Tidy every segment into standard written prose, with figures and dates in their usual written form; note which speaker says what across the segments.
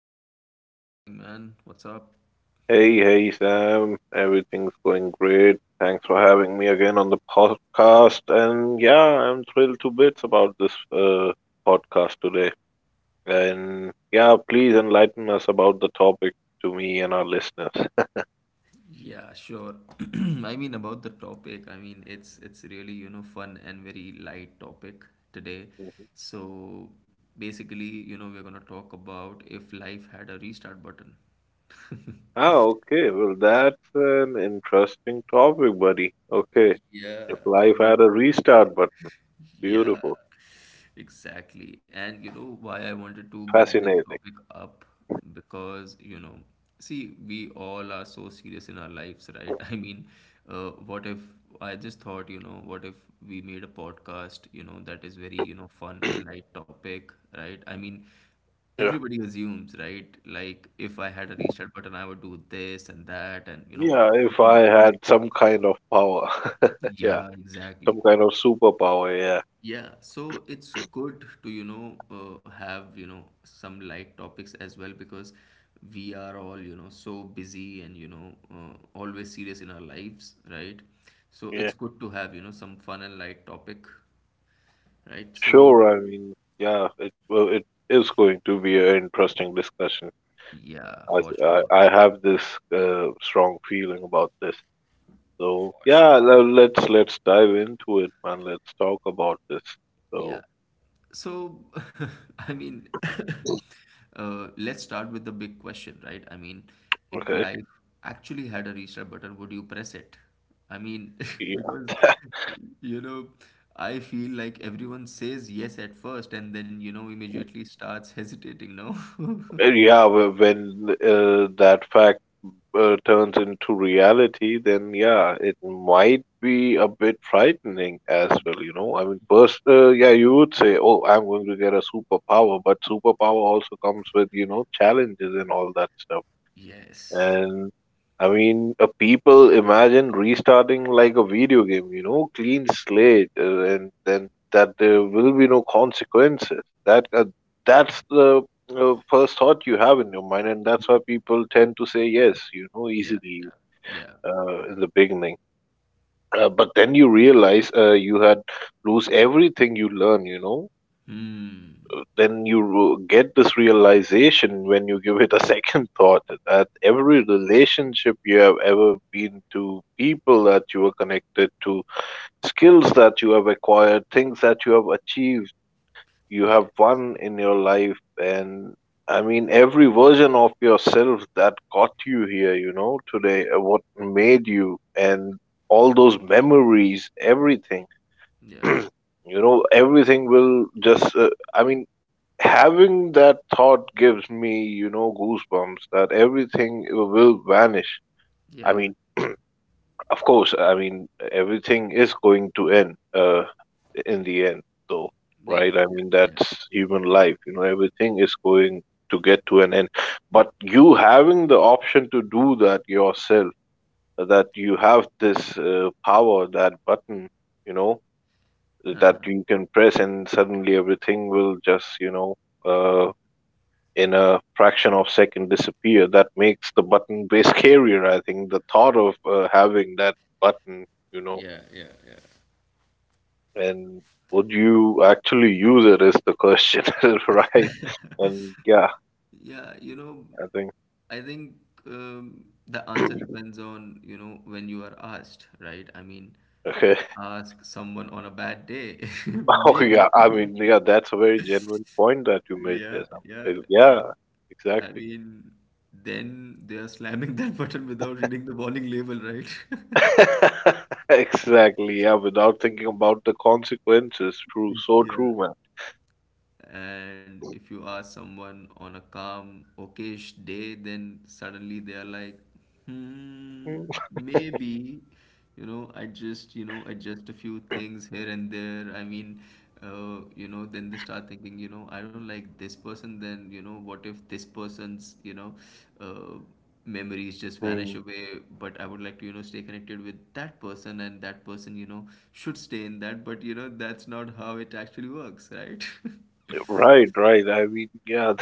Speaker 1: episode. How is it going, man? What's up?
Speaker 2: Hey, hey, Sam. Everything's going great. Thanks for having me again on the podcast. And yeah, I'm thrilled to bits about this podcast today. And yeah, please enlighten us about the topic to me and our listeners.
Speaker 1: Yeah, sure. I mean about the topic, I mean it's really, you know, fun and very light topic today.
Speaker 2: Mhm.
Speaker 1: So basically, you know, we're gonna talk about if life had a restart button.
Speaker 2: Ah, okay. Well, that's an interesting topic, buddy. Okay.
Speaker 1: Yeah,
Speaker 2: If
Speaker 1: I
Speaker 2: life
Speaker 1: mean,
Speaker 2: had a restart button,
Speaker 1: yeah,
Speaker 2: beautiful,
Speaker 1: exactly. And you know why I wanted to bring this
Speaker 2: fascinating.
Speaker 1: topic up? Because, you know, see, we all are so serious in our lives, right? I mean, what if I just thought, you know, what if we made a podcast, you know, that is very, you know, fun and light topic, right? I mean,
Speaker 2: Yeah.
Speaker 1: everybody assumes, right? Like, if I had a restart button, I would do this and that and, you know,
Speaker 2: Yeah, if I
Speaker 1: whatnot.
Speaker 2: had some kind of power. Yeah.
Speaker 1: Yeah, exactly.
Speaker 2: Some kind of superpower. Yeah,
Speaker 1: Yeah, so it's good to, you know, have, you know, some light topics as well because we are all, you know, so busy and, you know, always serious in our lives, right? So
Speaker 2: yeah,
Speaker 1: it's good to have, you know, some fun and light topic, right? So,
Speaker 2: sure. I mean, yeah, it is going to be an interesting discussion.
Speaker 1: yeah,
Speaker 2: I
Speaker 1: for
Speaker 2: I,
Speaker 1: sure.
Speaker 2: I have this strong feeling about this. So
Speaker 1: For sure.
Speaker 2: yeah, let's dive into it, man. Let's talk about this.
Speaker 1: Yeah.
Speaker 2: So
Speaker 1: So, I mean, let's start with the big question, right? I mean, if
Speaker 2: okay,
Speaker 1: life actually had a restart button, would you press it? I mean, because,
Speaker 2: yeah,
Speaker 1: you know, I feel like everyone says yes at first and then, you know, immediately starts hesitating, no?
Speaker 2: yeah. When that fact turns into reality, then yeah, it might be a bit frightening as well. I mean, first, yeah, you would say, oh, I'm going to get a superpower, but superpower also comes with, challenges and all that stuff.
Speaker 1: Yes.
Speaker 2: And I mean, a people imagine restarting like a video game, clean slate, and then that there will be no consequences. That uh, that's the first thought you have in your mind, and that's why people tend to say yes,
Speaker 1: Yeah,
Speaker 2: easily,
Speaker 1: yeah, yeah.
Speaker 2: in the beginning. But then you realize you had lose everything you learn,
Speaker 1: Hmm.
Speaker 2: then you get this realization when you give it a second thought that every
Speaker 1: Yeah,
Speaker 2: relationship you have ever been to, people that you are connected to, skills that you have acquired, things that you have achieved, you have
Speaker 1: yes.
Speaker 2: won in your life. And I mean, every version of yourself that got you here, today, what made you, and all those memories, everything.
Speaker 1: Yeah,
Speaker 2: you know everything will just I mean Having that thought gives me, goosebumps that everything will vanish. I
Speaker 1: yeah,
Speaker 2: mean, of course, I mean, everything is going to end, in the end, though,
Speaker 1: yeah,
Speaker 2: right? I
Speaker 1: yeah,
Speaker 2: mean,
Speaker 1: yeah,
Speaker 2: that's human life. You know, everything is going to get to an end. But you having the option to do that yourself, that you have this power, that button, you know, that you can press, and suddenly everything will just, uh, in a fraction of second disappear. That makes the button way scarier. I think the thought of having that button,
Speaker 1: yeah, yeah, yeah.
Speaker 2: and would you actually use it is the question, right? And yeah,
Speaker 1: Yeah, you know,
Speaker 2: I think
Speaker 1: I think the answer depends on, you know, when you are asked, right? I mean,
Speaker 2: okay.
Speaker 1: ask someone on a bad day,
Speaker 2: Oh
Speaker 1: maybe.
Speaker 2: yeah, I mean yeah, that's a very genuine point that you made
Speaker 1: Yeah,
Speaker 2: there, Sam.
Speaker 1: yeah, yeah.
Speaker 2: Yeah,
Speaker 1: I
Speaker 2: exactly.
Speaker 1: mean, then they are slamming that button without reading the warning label, right?
Speaker 2: Exactly. Yeah, without thinking about the consequences. True, so
Speaker 1: Yeah,
Speaker 2: true, man.
Speaker 1: and if you ask someone on a calm, okayish day, then suddenly they are like, hmm,
Speaker 2: Mm.
Speaker 1: maybe, you know, I just, you know, adjust a few things here and there. I mean, you know, then they start thinking, you know, I don't like this person, then, you know, what if this person's, you know, uh, memories just vanish
Speaker 2: Mm,
Speaker 1: away, but I would like to, you know, stay connected with that person, and that person, you know, should stay in that. But you know that's not how it actually works, right?
Speaker 2: right, right. I mean, yeah,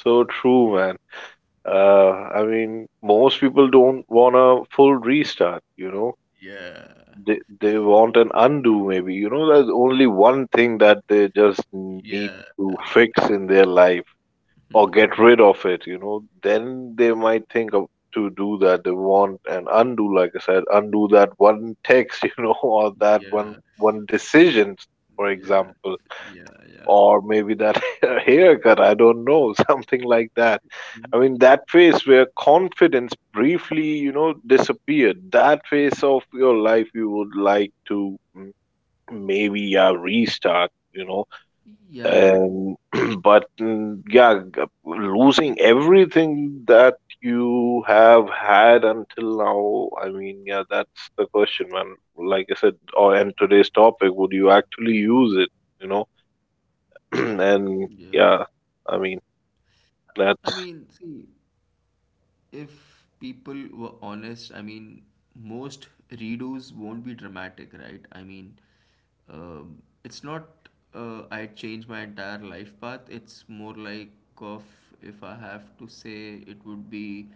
Speaker 2: so true, man. I mean, most people don't want a full restart.
Speaker 1: Yeah.
Speaker 2: They want an undo, maybe. You know, there's only one thing that they just need
Speaker 1: Yeah.
Speaker 2: to fix in their life or get rid of it. Then they might think of to do that. They want an undo, like I said, undo that one text, or that one
Speaker 1: Yeah.
Speaker 2: one decision, for
Speaker 1: Yeah.
Speaker 2: example,
Speaker 1: Yeah.
Speaker 2: or maybe that haircut, I don't know, something like that. I mean, that phase where confidence briefly, disappeared, that phase of your life you would like to maybe restart,
Speaker 1: Yeah. Yeah.
Speaker 2: and but yeah, losing everything that you have had until now, I mean, yeah, that's the question, man. Like I said, or and today's topic, would you actually use it? You know,
Speaker 1: Yeah.
Speaker 2: and yeah, I mean,
Speaker 1: I mean,
Speaker 2: that's
Speaker 1: see, if people were honest, I mean, most redos won't be dramatic, right? I mean, it's not I changed my entire life path. It's more like of, if I have to say, it would be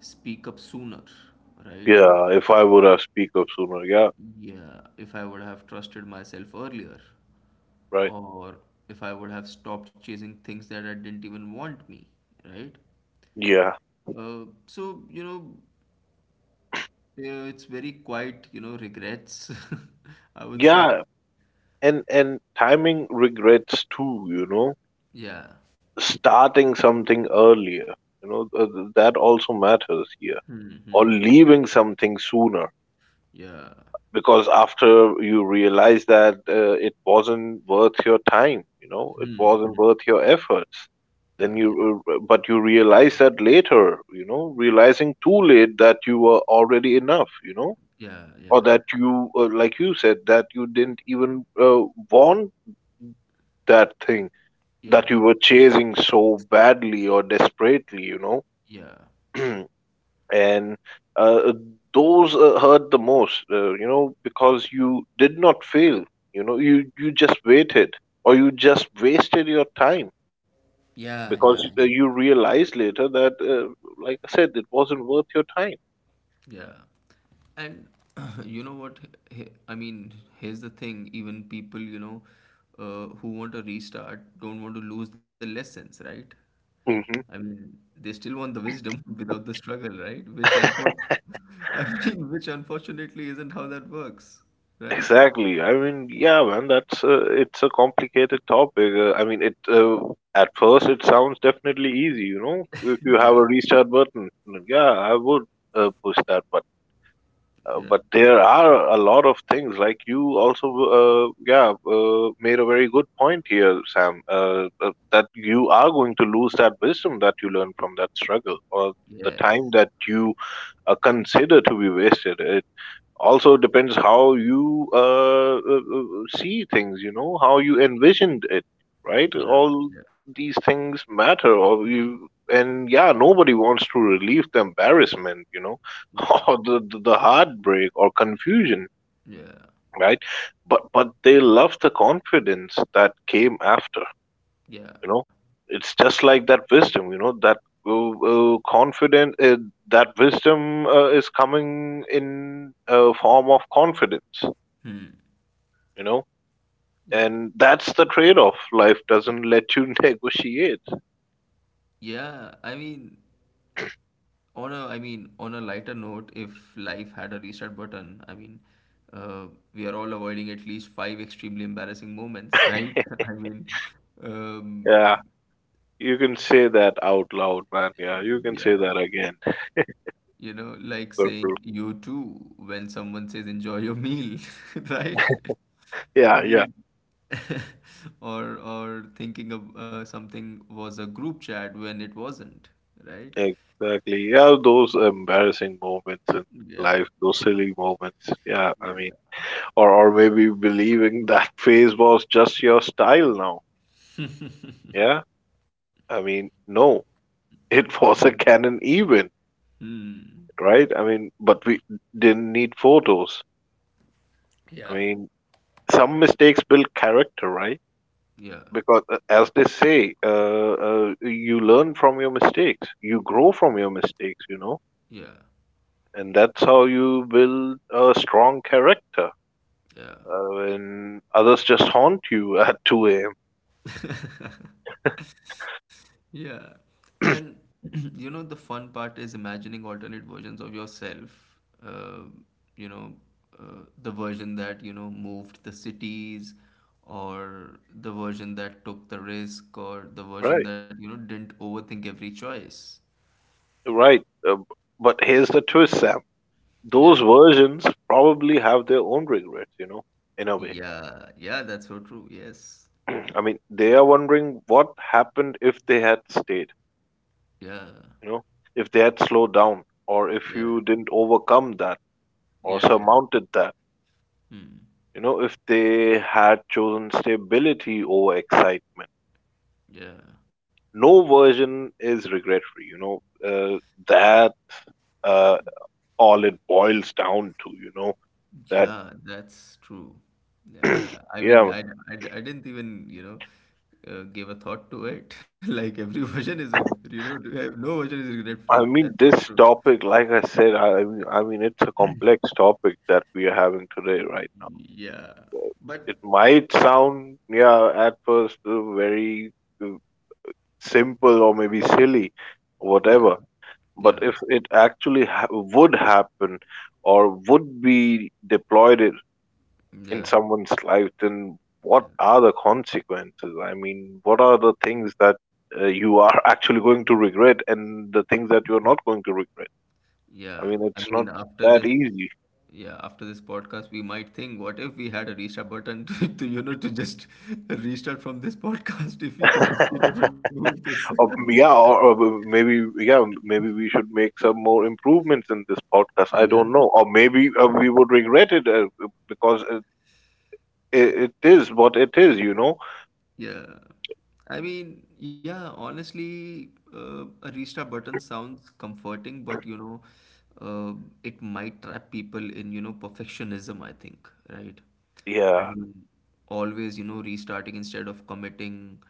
Speaker 1: speak up sooner, right?
Speaker 2: yeah. If I would have speak up sooner, yeah,
Speaker 1: Yeah, if I would have trusted myself earlier,
Speaker 2: right,
Speaker 1: or if I would have stopped chasing things that I didn't even want me, right?
Speaker 2: yeah,
Speaker 1: So, you know, it's very quiet, you know, regrets, I would say.
Speaker 2: yeah, and timing regrets too. You know,
Speaker 1: Yeah.
Speaker 2: starting something earlier. You know, that also matters here,
Speaker 1: Hmm,
Speaker 2: or
Speaker 1: hmm.
Speaker 2: leaving something sooner.
Speaker 1: Yeah.
Speaker 2: Because after you realize that it wasn't worth your time, it
Speaker 1: Hmm,
Speaker 2: wasn't
Speaker 1: hmm.
Speaker 2: worth your efforts,
Speaker 1: Yeah,
Speaker 2: then
Speaker 1: yeah,
Speaker 2: you realize that later, realizing too late that you were already enough,
Speaker 1: yeah,
Speaker 2: or
Speaker 1: yeah,
Speaker 2: that you, like you said, that you didn't even want that thing that
Speaker 1: yeah,
Speaker 2: you were chasing so badly or desperately,
Speaker 1: yeah,
Speaker 2: and uh, those hurt the most, because you did not fail, you just waited or you just wasted your time
Speaker 1: yeah, yeah, yeah.
Speaker 2: because,
Speaker 1: yeah.
Speaker 2: you realized later that, like I said, it wasn't worth your time.
Speaker 1: Yeah. And you know what? I mean, here's the thing, even people, you know, who want a restart don't want to lose the lessons, right? I
Speaker 2: Hmm.
Speaker 1: mean, they still want the wisdom without the struggle, right? I mean, which unfortunately isn't how that works, right?
Speaker 2: Exactly. I mean, yeah, man, that's it's a complicated topic. I mean, it at first it sounds definitely easy, if you have
Speaker 1: Yeah.
Speaker 2: a restart button. Yeah, I would push that button. Uh,
Speaker 1: Yeah.
Speaker 2: but there are a lot of things like you also yeah made a very good point here, Sam, that you are going to lose that wisdom that you learn from that struggle or the
Speaker 1: Yes.
Speaker 2: time that you consider to be wasted. It also depends how you see things, how you envisioned it, right?
Speaker 1: Yeah.
Speaker 2: All
Speaker 1: Yeah.
Speaker 2: these things matter or you, and yeah, nobody wants to relieve the embarrassment,
Speaker 1: Yeah.
Speaker 2: or the heartbreak or confusion,
Speaker 1: Yeah.
Speaker 2: right? But they love the confidence that came after,
Speaker 1: Yeah.
Speaker 2: you know it's just like that wisdom, that confident that wisdom is coming in a form of confidence,
Speaker 1: Hmm.
Speaker 2: you know
Speaker 1: Yeah.
Speaker 2: and that's the trade-off life doesn't let you negotiate.
Speaker 1: Yeah. I mean, on a lighter note, if life had a restart button, I mean, uh, we are all avoiding at least five extremely embarrassing moments, right? I mean, um,
Speaker 2: Yeah, you can say that out loud, man. Yeah, you can say
Speaker 1: yeah,
Speaker 2: that again.
Speaker 1: you know, like
Speaker 2: So true.
Speaker 1: saying you too when someone says enjoy your meal, right? I
Speaker 2: Yeah, yeah,
Speaker 1: mean, or thinking of something was a group chat when it wasn't, right?
Speaker 2: exactly, yeah, those embarrassing moments in
Speaker 1: Yeah,
Speaker 2: life, those
Speaker 1: uh,
Speaker 2: silly moments, yeah, I mean,
Speaker 1: yeah.
Speaker 2: or maybe believing that phase was just your style now, yeah, I mean, no, it was
Speaker 1: Mhm.
Speaker 2: a canon event,
Speaker 1: Hmm.
Speaker 2: right? I mean, but we didn't need photos. I
Speaker 1: Yeah.
Speaker 2: mean, some mistakes build character, right?
Speaker 1: Yeah,
Speaker 2: Because as they say, you learn from your mistakes, you grow from your mistakes,
Speaker 1: yeah,
Speaker 2: and that's how you build a strong character,
Speaker 1: yeah.
Speaker 2: when others just haunt you at 2 a.m.
Speaker 1: Yeah. And you know, the fun part is imagining alternate versions of yourself. You know, the version that, you know, moved the cities, or the version that took the risk, or the version
Speaker 2: Right,
Speaker 1: that, you know, didn't overthink every choice.
Speaker 2: right, but here's the twist, Sam. Those
Speaker 1: Yeah.
Speaker 2: versions probably have their own regrets, in a way.
Speaker 1: Yeah. Yeah, that's so true. Yes.
Speaker 2: I mean, they are wondering what happened if they had stayed,
Speaker 1: Yeah.
Speaker 2: you know if they had slowed down, or if
Speaker 1: Yeah.
Speaker 2: you didn't overcome that or
Speaker 1: Yeah. Yeah.
Speaker 2: surmounted that.
Speaker 1: Hmm.
Speaker 2: You know, if they had chosen stability over excitement,
Speaker 1: Yeah.
Speaker 2: no version is regret free. You know, that, uh, all it boils down to. You know that.
Speaker 1: Yeah, that's true. Yeah, yeah. I mean,
Speaker 2: Yeah,
Speaker 1: I didn't even, you know, give a thought to it. Like every version is a, you know, no version is regret free.
Speaker 2: I
Speaker 1: That's
Speaker 2: mean,
Speaker 1: so
Speaker 2: this
Speaker 1: true.
Speaker 2: topic. Like I said, I mean, it's a complex topic that we are having today right now.
Speaker 1: Yeah, but
Speaker 2: It might sound yeah at first very uh, simple or maybe silly,
Speaker 1: yeah,
Speaker 2: whatever, but
Speaker 1: yeah,
Speaker 2: if it actually would happen or would be deployed in
Speaker 1: yeah,
Speaker 2: someone's life, then
Speaker 1: yeah,
Speaker 2: what are the consequences? I mean, what are the things that you are actually going to regret, and the things that you're not going to regret? I
Speaker 1: yeah.
Speaker 2: mean,
Speaker 1: I
Speaker 2: it's not
Speaker 1: mean,
Speaker 2: that easy.
Speaker 1: after this podcast, we might think, what if we had a restart button to, to just restart from this podcast if we can just, you know, remove this.
Speaker 2: Or, yeah, or maybe yeah maybe we should make some more improvements in this podcast, I
Speaker 1: Yeah.
Speaker 2: don't know, or maybe we would regret it, because it is what it is.
Speaker 1: Yeah. I mean, yeah, honestly, a restart button sounds comforting, but you know, uh, it might trap people in, you know, perfectionism, I think, right? I
Speaker 2: Yeah.
Speaker 1: mean, always, you know, restarting instead of committing,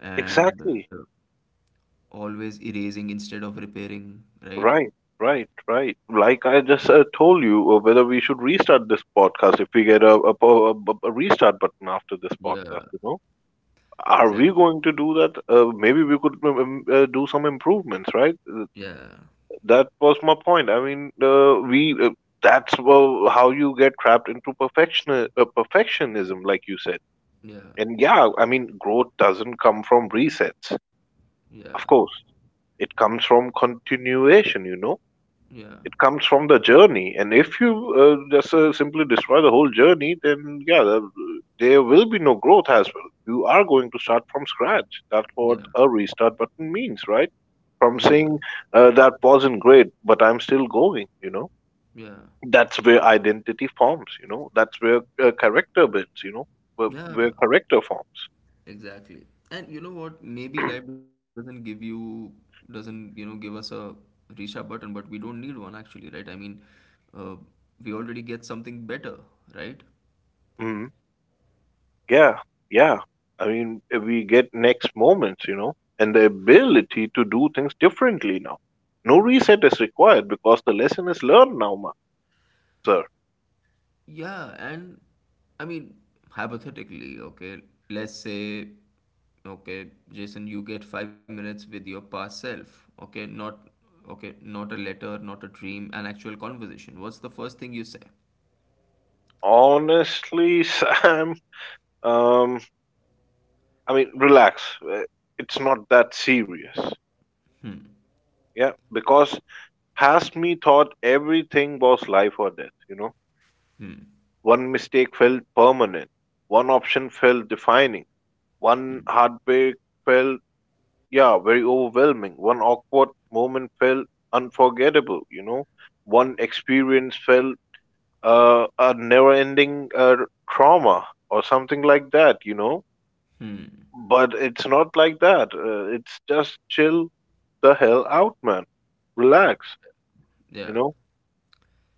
Speaker 1: and
Speaker 2: Exactly.
Speaker 1: always erasing instead of repairing, right?
Speaker 2: Right, right, right. Like I just told you, whether we should restart this podcast if we get a, po- a, bu- a restart button after this podcast,
Speaker 1: Yeah,
Speaker 2: you know? Are we
Speaker 1: exactly.
Speaker 2: going to do that? Maybe we could do some improvements, right?
Speaker 1: Yeah,
Speaker 2: That was my point. I mean, we that's how you get trapped into perfectionism, like you said.
Speaker 1: yeah,
Speaker 2: And yeah, I mean, growth doesn't come from resets.
Speaker 1: yeah,
Speaker 2: Of course, it comes from continuation, you know?
Speaker 1: yeah,
Speaker 2: It comes from the journey, and if you, just simply destroy the whole journey, then yeah, there will be no growth as well. You are going to start from scratch. That's what
Speaker 1: yeah,
Speaker 2: a restart button means, right? From
Speaker 1: yeah,
Speaker 2: saying, that wasn't great, but I'm still going. You know,
Speaker 1: yeah,
Speaker 2: that's where identity forms. You know, that's where character builds. You know, where
Speaker 1: yeah.
Speaker 2: character forms.
Speaker 1: Exactly. And you know what? Maybe life doesn't give you, doesn't, you know, give us a reach out button, but we don't need one actually, right? I mean, uh, we already get something better, right?
Speaker 2: Mhm. Yeah, yeah. I mean, we get next moments, and the ability to do things differently now. No reset is required because the lesson is learned now, sir.
Speaker 1: Yeah. And I mean, hypothetically, okay, let's say, okay, Jason, you get 5 minutes with your past self, okay, not, a letter, not a dream, an actual conversation. What's the first thing you say?
Speaker 2: Honestly, Sam, um, I mean, relax. It's not that serious.
Speaker 1: Hmm.
Speaker 2: Yeah, because past me thought everything was life or death.
Speaker 1: Hmm.
Speaker 2: One mistake felt permanent, one option felt defining, one
Speaker 1: Hmm.
Speaker 2: heartbreak felt yeah, very overwhelming. One awkward moment felt unforgettable. One experience felt a never-ending trauma or something like that.
Speaker 1: Hmm.
Speaker 2: But it's not like that. It's just chill the hell out, man. Relax,
Speaker 1: Yeah.
Speaker 2: you know.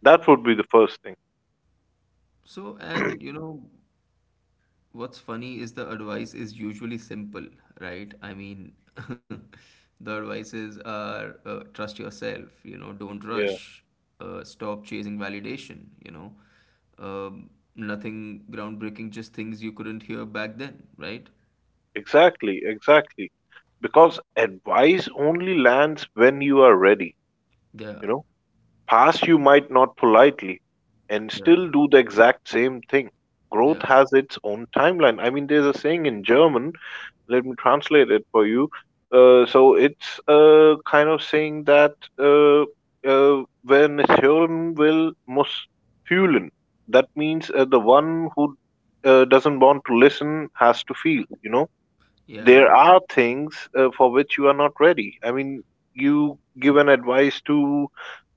Speaker 2: That would be the first thing.
Speaker 1: So, and you know, what's funny is the advice is usually simple, right? I mean, the advices are trust yourself, you know, don't
Speaker 2: Yeah,
Speaker 1: rush, stop chasing validation, you know, um, nothing groundbreaking, just things you couldn't hear back then, right?
Speaker 2: exactly, exactly. Because advice only lands when you are ready, you
Speaker 1: Yeah,
Speaker 2: know. Pass you might not politely and
Speaker 1: yeah,
Speaker 2: still do the exact same thing. Growth
Speaker 1: yeah,
Speaker 2: has its own timeline. I mean, there's a saying in German, let me translate it for you. So it's a kind of saying that when hören will, muss fühlen. That means the one who doesn't want to listen has to feel, you know. There
Speaker 1: yeah,
Speaker 2: are things for which you are not ready. I mean, you give an advice to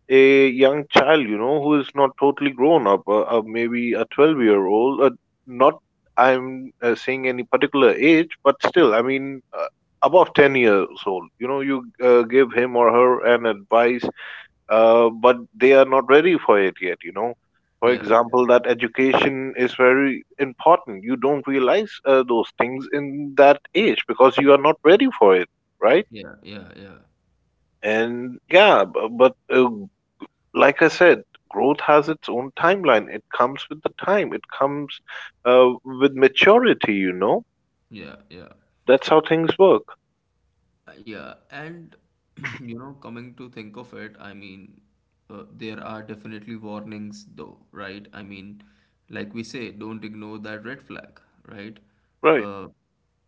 Speaker 2: a young child, you know, who is not totally grown up, maybe a 12-year-old year old, not I'm saying any particular age, but still, I mean, above 10 years old, you know, you give him or her an advice, but they are not ready for it yet, you know. For
Speaker 1: yeah,
Speaker 2: example, that education is very important. You don't realize those things in that age because you are not ready for it, right?
Speaker 1: yeah, yeah, yeah, yeah,
Speaker 2: And yeah, bu- but like I said, growth has its own timeline. It comes with the time. It comes with maturity. You know,
Speaker 1: yeah, yeah.
Speaker 2: that's how things work.
Speaker 1: Yeah, and you know, coming to think of it, I mean, there are definitely warnings, though, right? I mean, like we say, don't ignore that red flag, right?
Speaker 2: Right.
Speaker 1: Uh,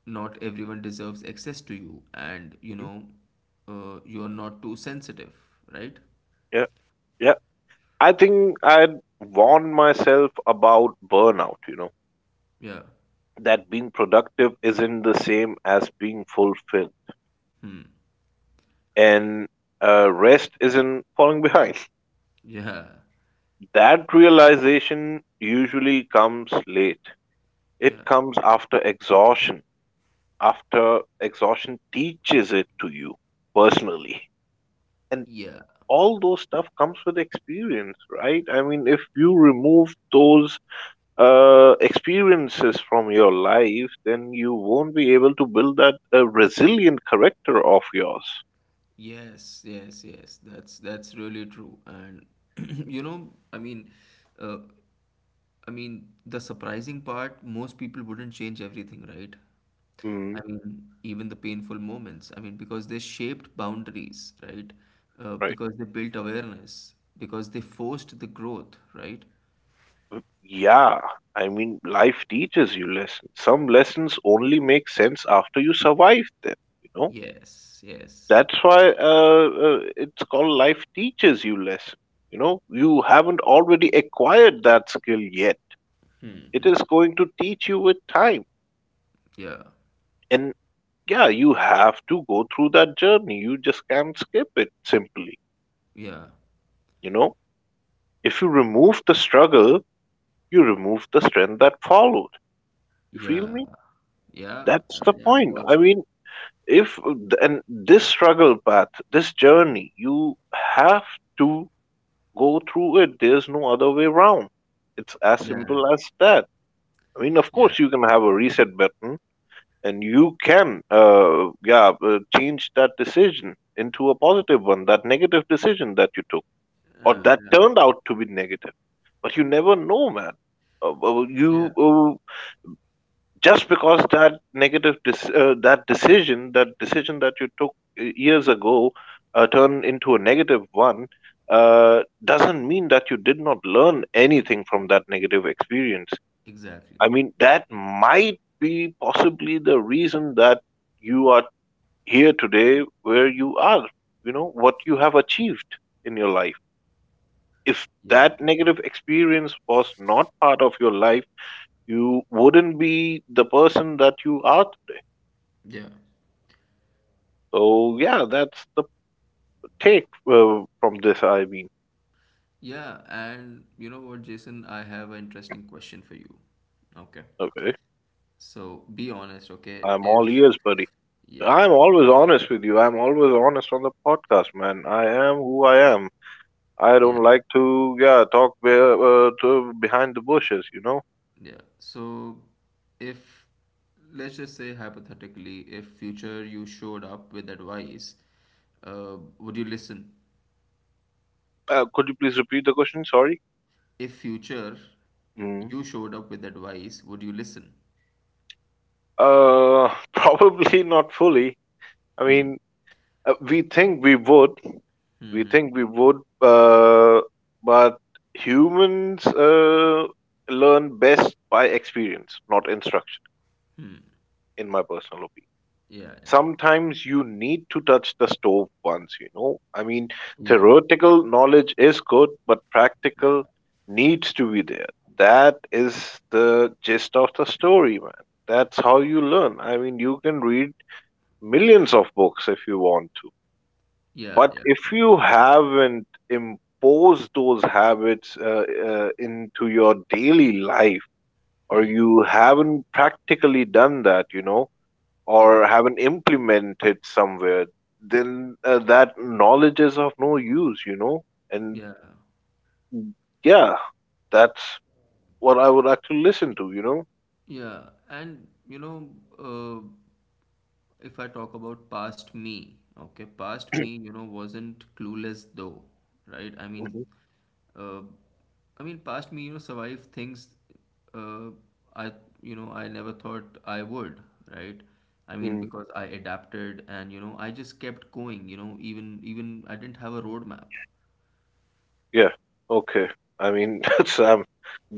Speaker 1: Not everyone deserves access to you, and you
Speaker 2: Hmm.
Speaker 1: know, you are not too sensitive, right?
Speaker 2: Yeah. Yeah. I think I'd warned myself about burnout. You know,
Speaker 1: Yeah.
Speaker 2: that being productive isn't the same as being fulfilled,
Speaker 1: Hmm.
Speaker 2: and rest isn't falling behind.
Speaker 1: Yeah.
Speaker 2: That realization usually comes late. It
Speaker 1: Yeah.
Speaker 2: comes after exhaustion teaches it to you personally and
Speaker 1: Yeah.
Speaker 2: all those stuff comes with experience, right? I mean, if you remove those experiences from your life, then you won't be able to build that resilient character of yours.
Speaker 1: Yes, yes, yes. That's really true. And you know, I mean, uh, the surprising part, most people wouldn't change everything, right? I
Speaker 2: Hmm.
Speaker 1: mean, even the painful moments. I mean, because they shaped boundaries, right?
Speaker 2: Right.
Speaker 1: Because they built awareness, because they forced the growth, right?
Speaker 2: Mm, yeah, I mean life teaches you lessons. Some lessons only make sense after you survive them, you know.
Speaker 1: Yes, yes.
Speaker 2: That's why it's called life teaches you lesson. You know, you haven't already acquired that skill yet. It is going to teach you with time.
Speaker 1: Yeah,
Speaker 2: And yeah, you have to go through that journey. You just can't skip it simply.
Speaker 1: yeah,
Speaker 2: You know, if you remove the struggle, you remove the strength that followed. You feel
Speaker 1: yeah,
Speaker 2: me?
Speaker 1: yeah,
Speaker 2: That's
Speaker 1: yeah,
Speaker 2: the
Speaker 1: yeah, I
Speaker 2: point.
Speaker 1: got
Speaker 2: I
Speaker 1: you.
Speaker 2: mean, if and this struggle path, this journey, you have to go through it. There's no other way around. It's as
Speaker 1: Yeah,
Speaker 2: simple as that. I mean, of
Speaker 1: yeah,
Speaker 2: course, you can have a reset button and you can, yeah, change that decision into a positive one, that negative decision that you took or
Speaker 1: yeah,
Speaker 2: that
Speaker 1: yeah,
Speaker 2: turned out to be negative. But you never know, man. Uh, uh,
Speaker 1: yeah,
Speaker 2: you, uh, just because that negative dis that decision that decision that you took years ago turned into a negative one, doesn't mean that you did not learn anything from that negative experience.
Speaker 1: exactly.
Speaker 2: I mean, that might be possibly the reason that you are here today where you are, you know, what you have achieved in your life. If
Speaker 1: Yeah,
Speaker 2: that
Speaker 1: yeah,
Speaker 2: negative experience was not part of your life, you wouldn't be the person that you are.
Speaker 1: yeah.
Speaker 2: So yeah, that's the take from this. I mean,
Speaker 1: Yeah, and you know what, Jason? I have an interesting question for you. Okay.
Speaker 2: okay,
Speaker 1: So be honest, okay?
Speaker 2: I'm all
Speaker 1: If,
Speaker 2: ears, buddy.
Speaker 1: yeah,
Speaker 2: I'm always honest with you. I'm always honest on the podcast, man. I am who I am. I
Speaker 1: yeah,
Speaker 2: don't like to yeah talk to behind the bushes. You know.
Speaker 1: yeah. So if, Let's just say hypothetically, if future you showed up with advice, would you listen?
Speaker 2: Could you please repeat the question? Sorry.
Speaker 1: If future
Speaker 2: Mm.
Speaker 1: you showed up with advice, would you listen?
Speaker 2: Probably not fully. I
Speaker 1: Hmm.
Speaker 2: mean, we think we would, We
Speaker 1: Mm-hmm.
Speaker 2: think we would, uh, but humans learn best by experience, not instruction, in my personal opinion.
Speaker 1: Yeah, yeah.
Speaker 2: Sometimes you need to touch the stove once, you know. I mean,
Speaker 1: Yeah.
Speaker 2: theoretical knowledge is good, but
Speaker 1: Yeah,
Speaker 2: practical needs to be there. That is the gist of the story, man. That's how you learn. I mean, you can read millions of books if you want to,
Speaker 1: yeah,
Speaker 2: but
Speaker 1: yeah.
Speaker 2: if
Speaker 1: yeah.
Speaker 2: you haven't imposed those habits into your daily life, or
Speaker 1: Hmm.
Speaker 2: you haven't practically done that, you know,
Speaker 1: Yeah,
Speaker 2: or haven't implemented somewhere, then that knowledge is of no use, you know. And
Speaker 1: yeah.
Speaker 2: yeah, that's what I would actually listen to, you know.
Speaker 1: Yeah, and you know, uh, if I talk about past me, okay, past me, you know, wasn't clueless though, right? I mean, uh, past me, you know, survived things, uh, I, I never thought I would, right? I mean,
Speaker 2: Mhm.
Speaker 1: because I adapted and, you know, I just kept going, you know, even I didn't have a roadmap.
Speaker 2: Yeah. Okay. I mean, Sam,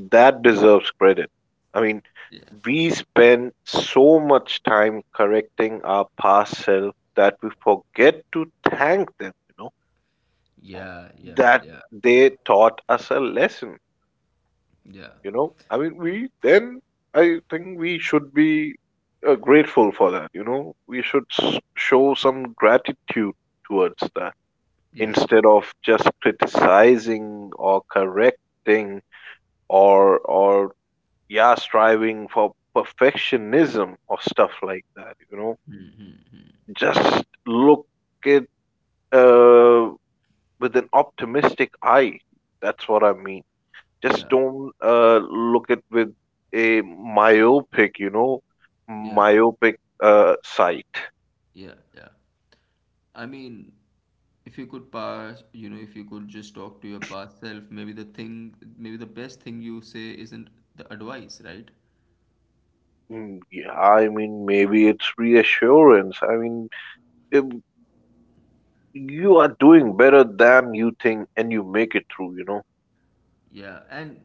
Speaker 2: that deserves credit. I mean,
Speaker 1: Yeah.
Speaker 2: we spend so much time correcting our past self that we forget to thank them, you know,
Speaker 1: Yeah, yeah,
Speaker 2: that
Speaker 1: yeah, yeah,
Speaker 2: they taught us a lesson,
Speaker 1: yeah,
Speaker 2: you know. I mean, I think we should be grateful for that, you know. We should show some gratitude towards that
Speaker 1: yeah.
Speaker 2: instead of just criticizing or correcting or yeah striving for perfectionism or stuff like that, you know.
Speaker 1: Mm-hmm.
Speaker 2: Just look at uh, with an optimistic eye. That's what I mean. Just
Speaker 1: Yeah,
Speaker 2: don't look at with a myopic, you know,
Speaker 1: yeah.
Speaker 2: myopic sight.
Speaker 1: Yeah, yeah. I mean, if you could pass, you know, if you could just talk to your past self, maybe the best thing you say isn't the advice, right?
Speaker 2: Mm, yeah, I mean maybe it's reassurance. I mean, um, you are doing better than you think and you make it through, you know.
Speaker 1: Yeah, and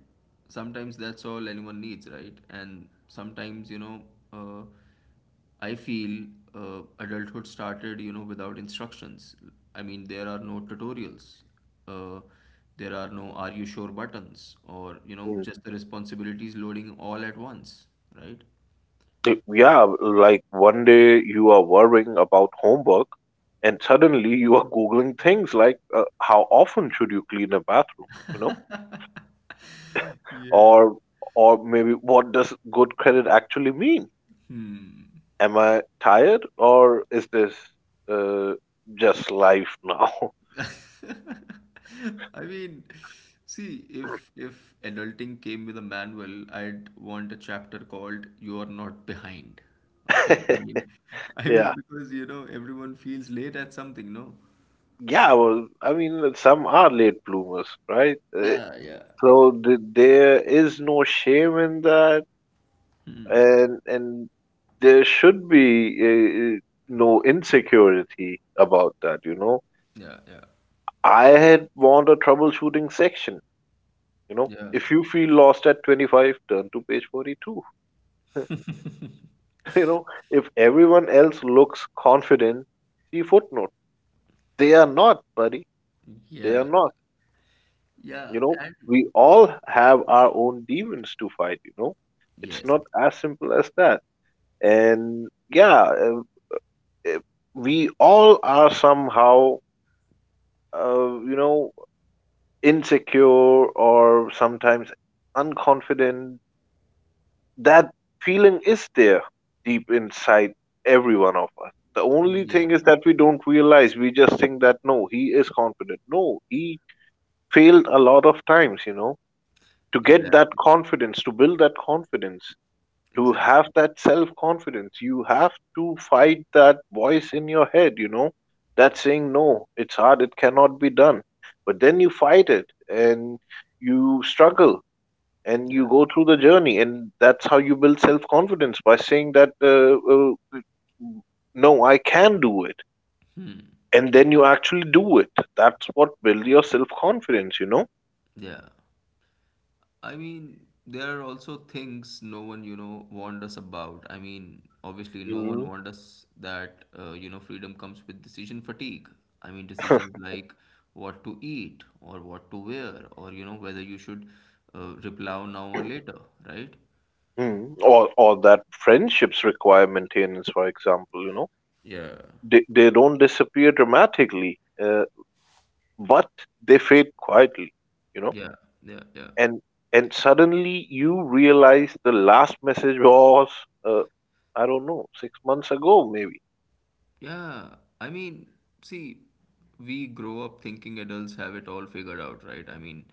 Speaker 1: sometimes that's all anyone needs, right? And sometimes, you know, uh, I feel adulthood started, you know, without instructions. I mean, there are no tutorials. Uh, there are no are you sure buttons or, you know, just the responsibilities loading all at once, right?
Speaker 2: Yeah, like one day you are worrying about homework and suddenly you are googling things like how often should you clean a bathroom, you know?
Speaker 1: Yeah.
Speaker 2: Or or maybe what does good credit actually mean?
Speaker 1: Hmm.
Speaker 2: Am I tired or is this uh, just life now?
Speaker 1: I mean, see, if adulting came with a manual, I'd want a chapter called "You Are Not Behind." Okay. I mean, I
Speaker 2: Yeah.
Speaker 1: mean because you know everyone feels late at something, no?
Speaker 2: Yeah, well, I mean, some are late bloomers, right?
Speaker 1: Yeah, yeah,
Speaker 2: So
Speaker 1: exactly.
Speaker 2: there is no shame in that, and there should be no insecurity about that, you know.
Speaker 1: Yeah, yeah,
Speaker 2: I had want a troubleshooting section, you know.
Speaker 1: yeah,
Speaker 2: If you feel lost at 25, turn to page 42. You know, if everyone else looks confident, see footnote, they are not, buddy. They are
Speaker 1: yeah,
Speaker 2: not. You
Speaker 1: yeah,
Speaker 2: know,
Speaker 1: and
Speaker 2: we all have our own demons to fight, you know. It's
Speaker 1: yes,
Speaker 2: not as simple as that. And yeah, uh, we all are somehow you know, insecure or sometimes unconfident, that feeling is there deep inside every one of us. The only thing
Speaker 1: yeah,
Speaker 2: is that we don't realize. We just think that no, he is confident. No, he failed a lot of times, you know, to get that
Speaker 1: exactly,
Speaker 2: confidence, to build that confidence, to have
Speaker 1: exactly,
Speaker 2: that self confidence. You have to fight that voice in your head, you know, that's saying no it's hard, it cannot be done. But then you
Speaker 1: yeah,
Speaker 2: fight it and you struggle and
Speaker 1: yeah,
Speaker 2: you go through the journey, and that's how you build self confidence, by saying that no, I can do it,
Speaker 1: hmm,
Speaker 2: and then
Speaker 1: yeah,
Speaker 2: you actually do it. That's what builds your self confidence, you know.
Speaker 1: yeah. I mean, there are also things no one, you know, warned us about. I mean, obviously, no one
Speaker 2: Hmm.
Speaker 1: warned us that, you know, freedom comes with decision fatigue. I mean, decisions like what to eat or what to wear or, you know, whether you should reply now or later, right?
Speaker 2: Mm. Or that friendships require maintenance, for example, you know.
Speaker 1: Yeah.
Speaker 2: They don't disappear dramatically, but they fade quietly, you know.
Speaker 1: Yeah, yeah, yeah.
Speaker 2: And and suddenly you realize the last message was, uh, I don't know, 6 months ago maybe.
Speaker 1: Yeah, I mean, see, we grow up thinking adults have it all figured out, right? I mean,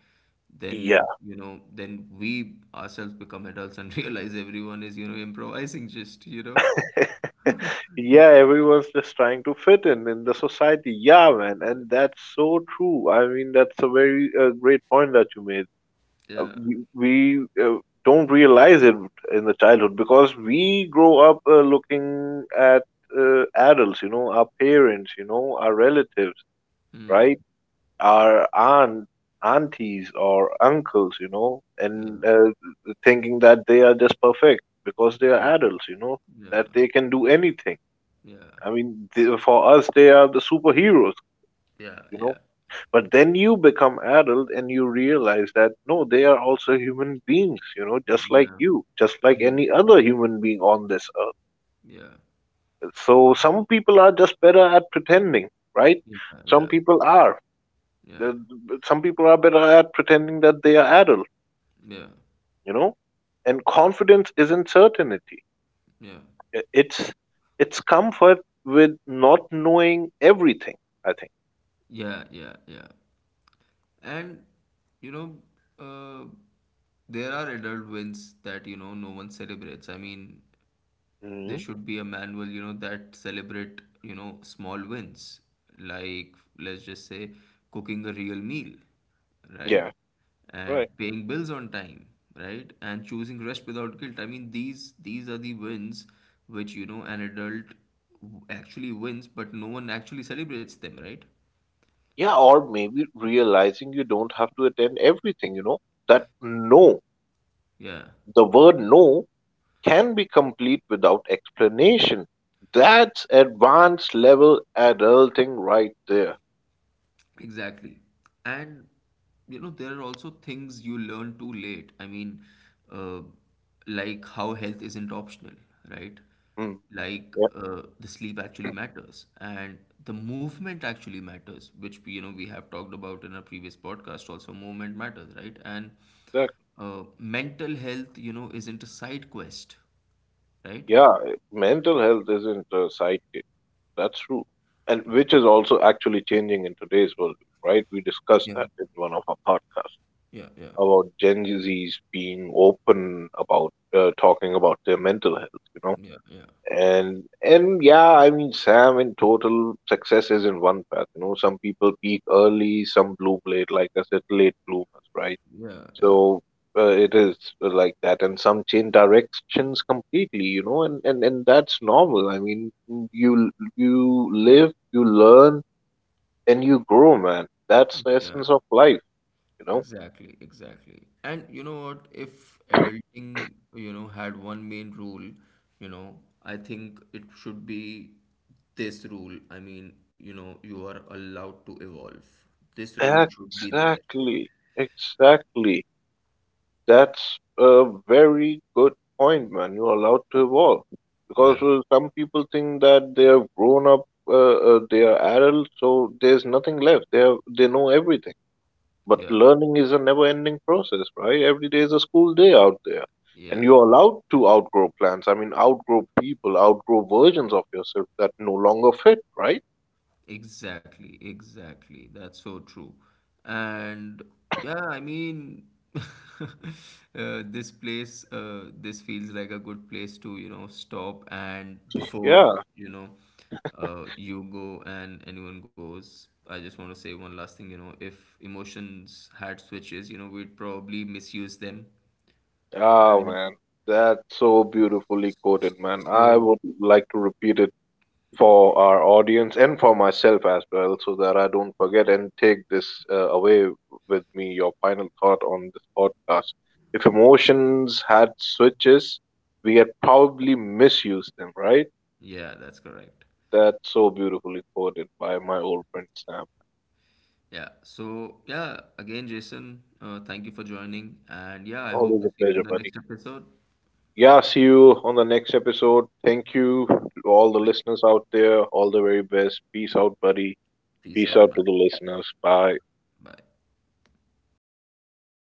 Speaker 1: then,
Speaker 2: Yeah.
Speaker 1: you know, then we ourselves become adults and realize everyone is, you know, improvising just, you know.
Speaker 2: Yeah, everyone's just trying to fit in the society. Yeah, man, and that's so true. I mean, that's a very great point that you made. uh,
Speaker 1: Yeah.
Speaker 2: we, we uh, don't realize it in the childhood because we grow up looking at adults, you know, our parents, you know, our relatives, right?
Speaker 1: Hmm.
Speaker 2: Our aunt, aunties, or uncles, you know, and
Speaker 1: Yeah.
Speaker 2: thinking that they are just perfect because they are
Speaker 1: Yeah.
Speaker 2: adults, you know, that they can do anything.
Speaker 1: Yeah.
Speaker 2: I mean, they, for us, they are the superheroes,
Speaker 1: Yeah. Yeah.
Speaker 2: you
Speaker 1: Yeah.
Speaker 2: know, but then you become adult and you realize that no, they are also human beings, you know, just like
Speaker 1: Yeah.
Speaker 2: you, just like
Speaker 1: Hmm.
Speaker 2: any other human being on this earth.
Speaker 1: Yeah.
Speaker 2: So some people are just better at pretending, right?
Speaker 1: Yeah. Yeah.
Speaker 2: Some people are.
Speaker 1: Yeah.
Speaker 2: Some people are better at pretending that they are adult,
Speaker 1: Yeah.
Speaker 2: you know? And confidence isn't certainty.
Speaker 1: Yeah.
Speaker 2: I- It's it's comfort with not knowing everything, I think.
Speaker 1: Yeah. Yeah. Yeah. And you know, uh, there are adult wins that you know no one celebrates. I mean, there
Speaker 2: Hmm.
Speaker 1: should be a manual you know that celebrate you know small wins, like let's just say cooking a real meal, right?
Speaker 2: Yeah.
Speaker 1: And
Speaker 2: Right.
Speaker 1: paying bills on time, right? And choosing rest without guilt. I mean, these are the wins which you know an adult actually wins, but no one actually celebrates them, right?
Speaker 2: Yeah, or maybe realizing you don't have to attend everything, you know, that no,
Speaker 1: Yeah.
Speaker 2: the word no can be complete without explanation. That's advanced level adulting right there.
Speaker 1: Exactly. And you know, there are also things you learn too late. I mean, uh, like how health isn't optional, right?
Speaker 2: Hmm.
Speaker 1: Like
Speaker 2: Yeah,
Speaker 1: the sleep actually matters and the movement actually matters, which we have talked about in our previous podcast also. Movement matters, right? And
Speaker 2: exactly.
Speaker 1: mental health, you know, isn't a side quest, right?
Speaker 2: Yeah, mental health isn't a sidekick. That's true. And
Speaker 1: Yeah.
Speaker 2: which is also actually changing in today's world, right? We discussed
Speaker 1: Yeah.
Speaker 2: that in one of our podcasts
Speaker 1: Yeah. Yeah.
Speaker 2: about Gen Z's being open about talking about their mental health, you know.
Speaker 1: Yeah.
Speaker 2: And yeah, I mean, Sam, in total, success is in one path. You know, some people peak early, some bloom late. Like I said, late bloomers, right?
Speaker 1: Yeah. Yeah.
Speaker 2: So it is like that, and some change directions completely. You know, and that's normal. I mean, you live, you learn, and you grow, man. That's the
Speaker 1: Yeah.
Speaker 2: essence of life. You know.
Speaker 1: Exactly, exactly. And you know what? If adulting, you know, had one main rule, you know, I think it should be this rule. I mean, you know, you are allowed to evolve. This rule should be there.
Speaker 2: Exactly. Exactly. That's a very good point, man. You're allowed to evolve because
Speaker 1: Yeah,
Speaker 2: some people think that they have grown up, they are adults, so there's nothing left. They have, they know everything. But
Speaker 1: yeah,
Speaker 2: learning is a never-ending process, right? Every day is a school day out there, and
Speaker 1: yeah.
Speaker 2: you're allowed to outgrow plans. I mean, outgrow people, outgrow versions of yourself that no longer fit, right?
Speaker 1: Exactly, exactly. That's so true. And yeah, I mean, this feels like a good place to, you know, stop and before,
Speaker 2: Yeah.
Speaker 1: you know, you go and anyone goes. I just want to say one last thing, you know, if emotions had switches, you know, we'd probably misuse them,
Speaker 2: Ah,
Speaker 1: right?
Speaker 2: man. That's so beautifully quoted, man. I
Speaker 1: So,
Speaker 2: would like to repeat it for our audience and for myself as well, so that I don't forget and take this away with me, your final thought on this podcast. If emotions had switches, we had probably misused them, right?
Speaker 1: yeah, that's correct.
Speaker 2: That's so beautifully quoted by my old friend Sam.
Speaker 1: Yeah. So, yeah, again, Jason, thank you for joining. And yeah, I hope
Speaker 2: Always
Speaker 1: to
Speaker 2: a
Speaker 1: see you in
Speaker 2: pleasure,
Speaker 1: the
Speaker 2: buddy.
Speaker 1: next episode.
Speaker 2: Yeah, see you on the next episode. Thank you to all the
Speaker 1: Thank
Speaker 2: listeners
Speaker 1: you.
Speaker 2: out there. All the very best. Peace out, buddy.
Speaker 1: Peace out,
Speaker 2: Peace
Speaker 1: man.
Speaker 2: out to the listeners. Bye.
Speaker 1: Bye.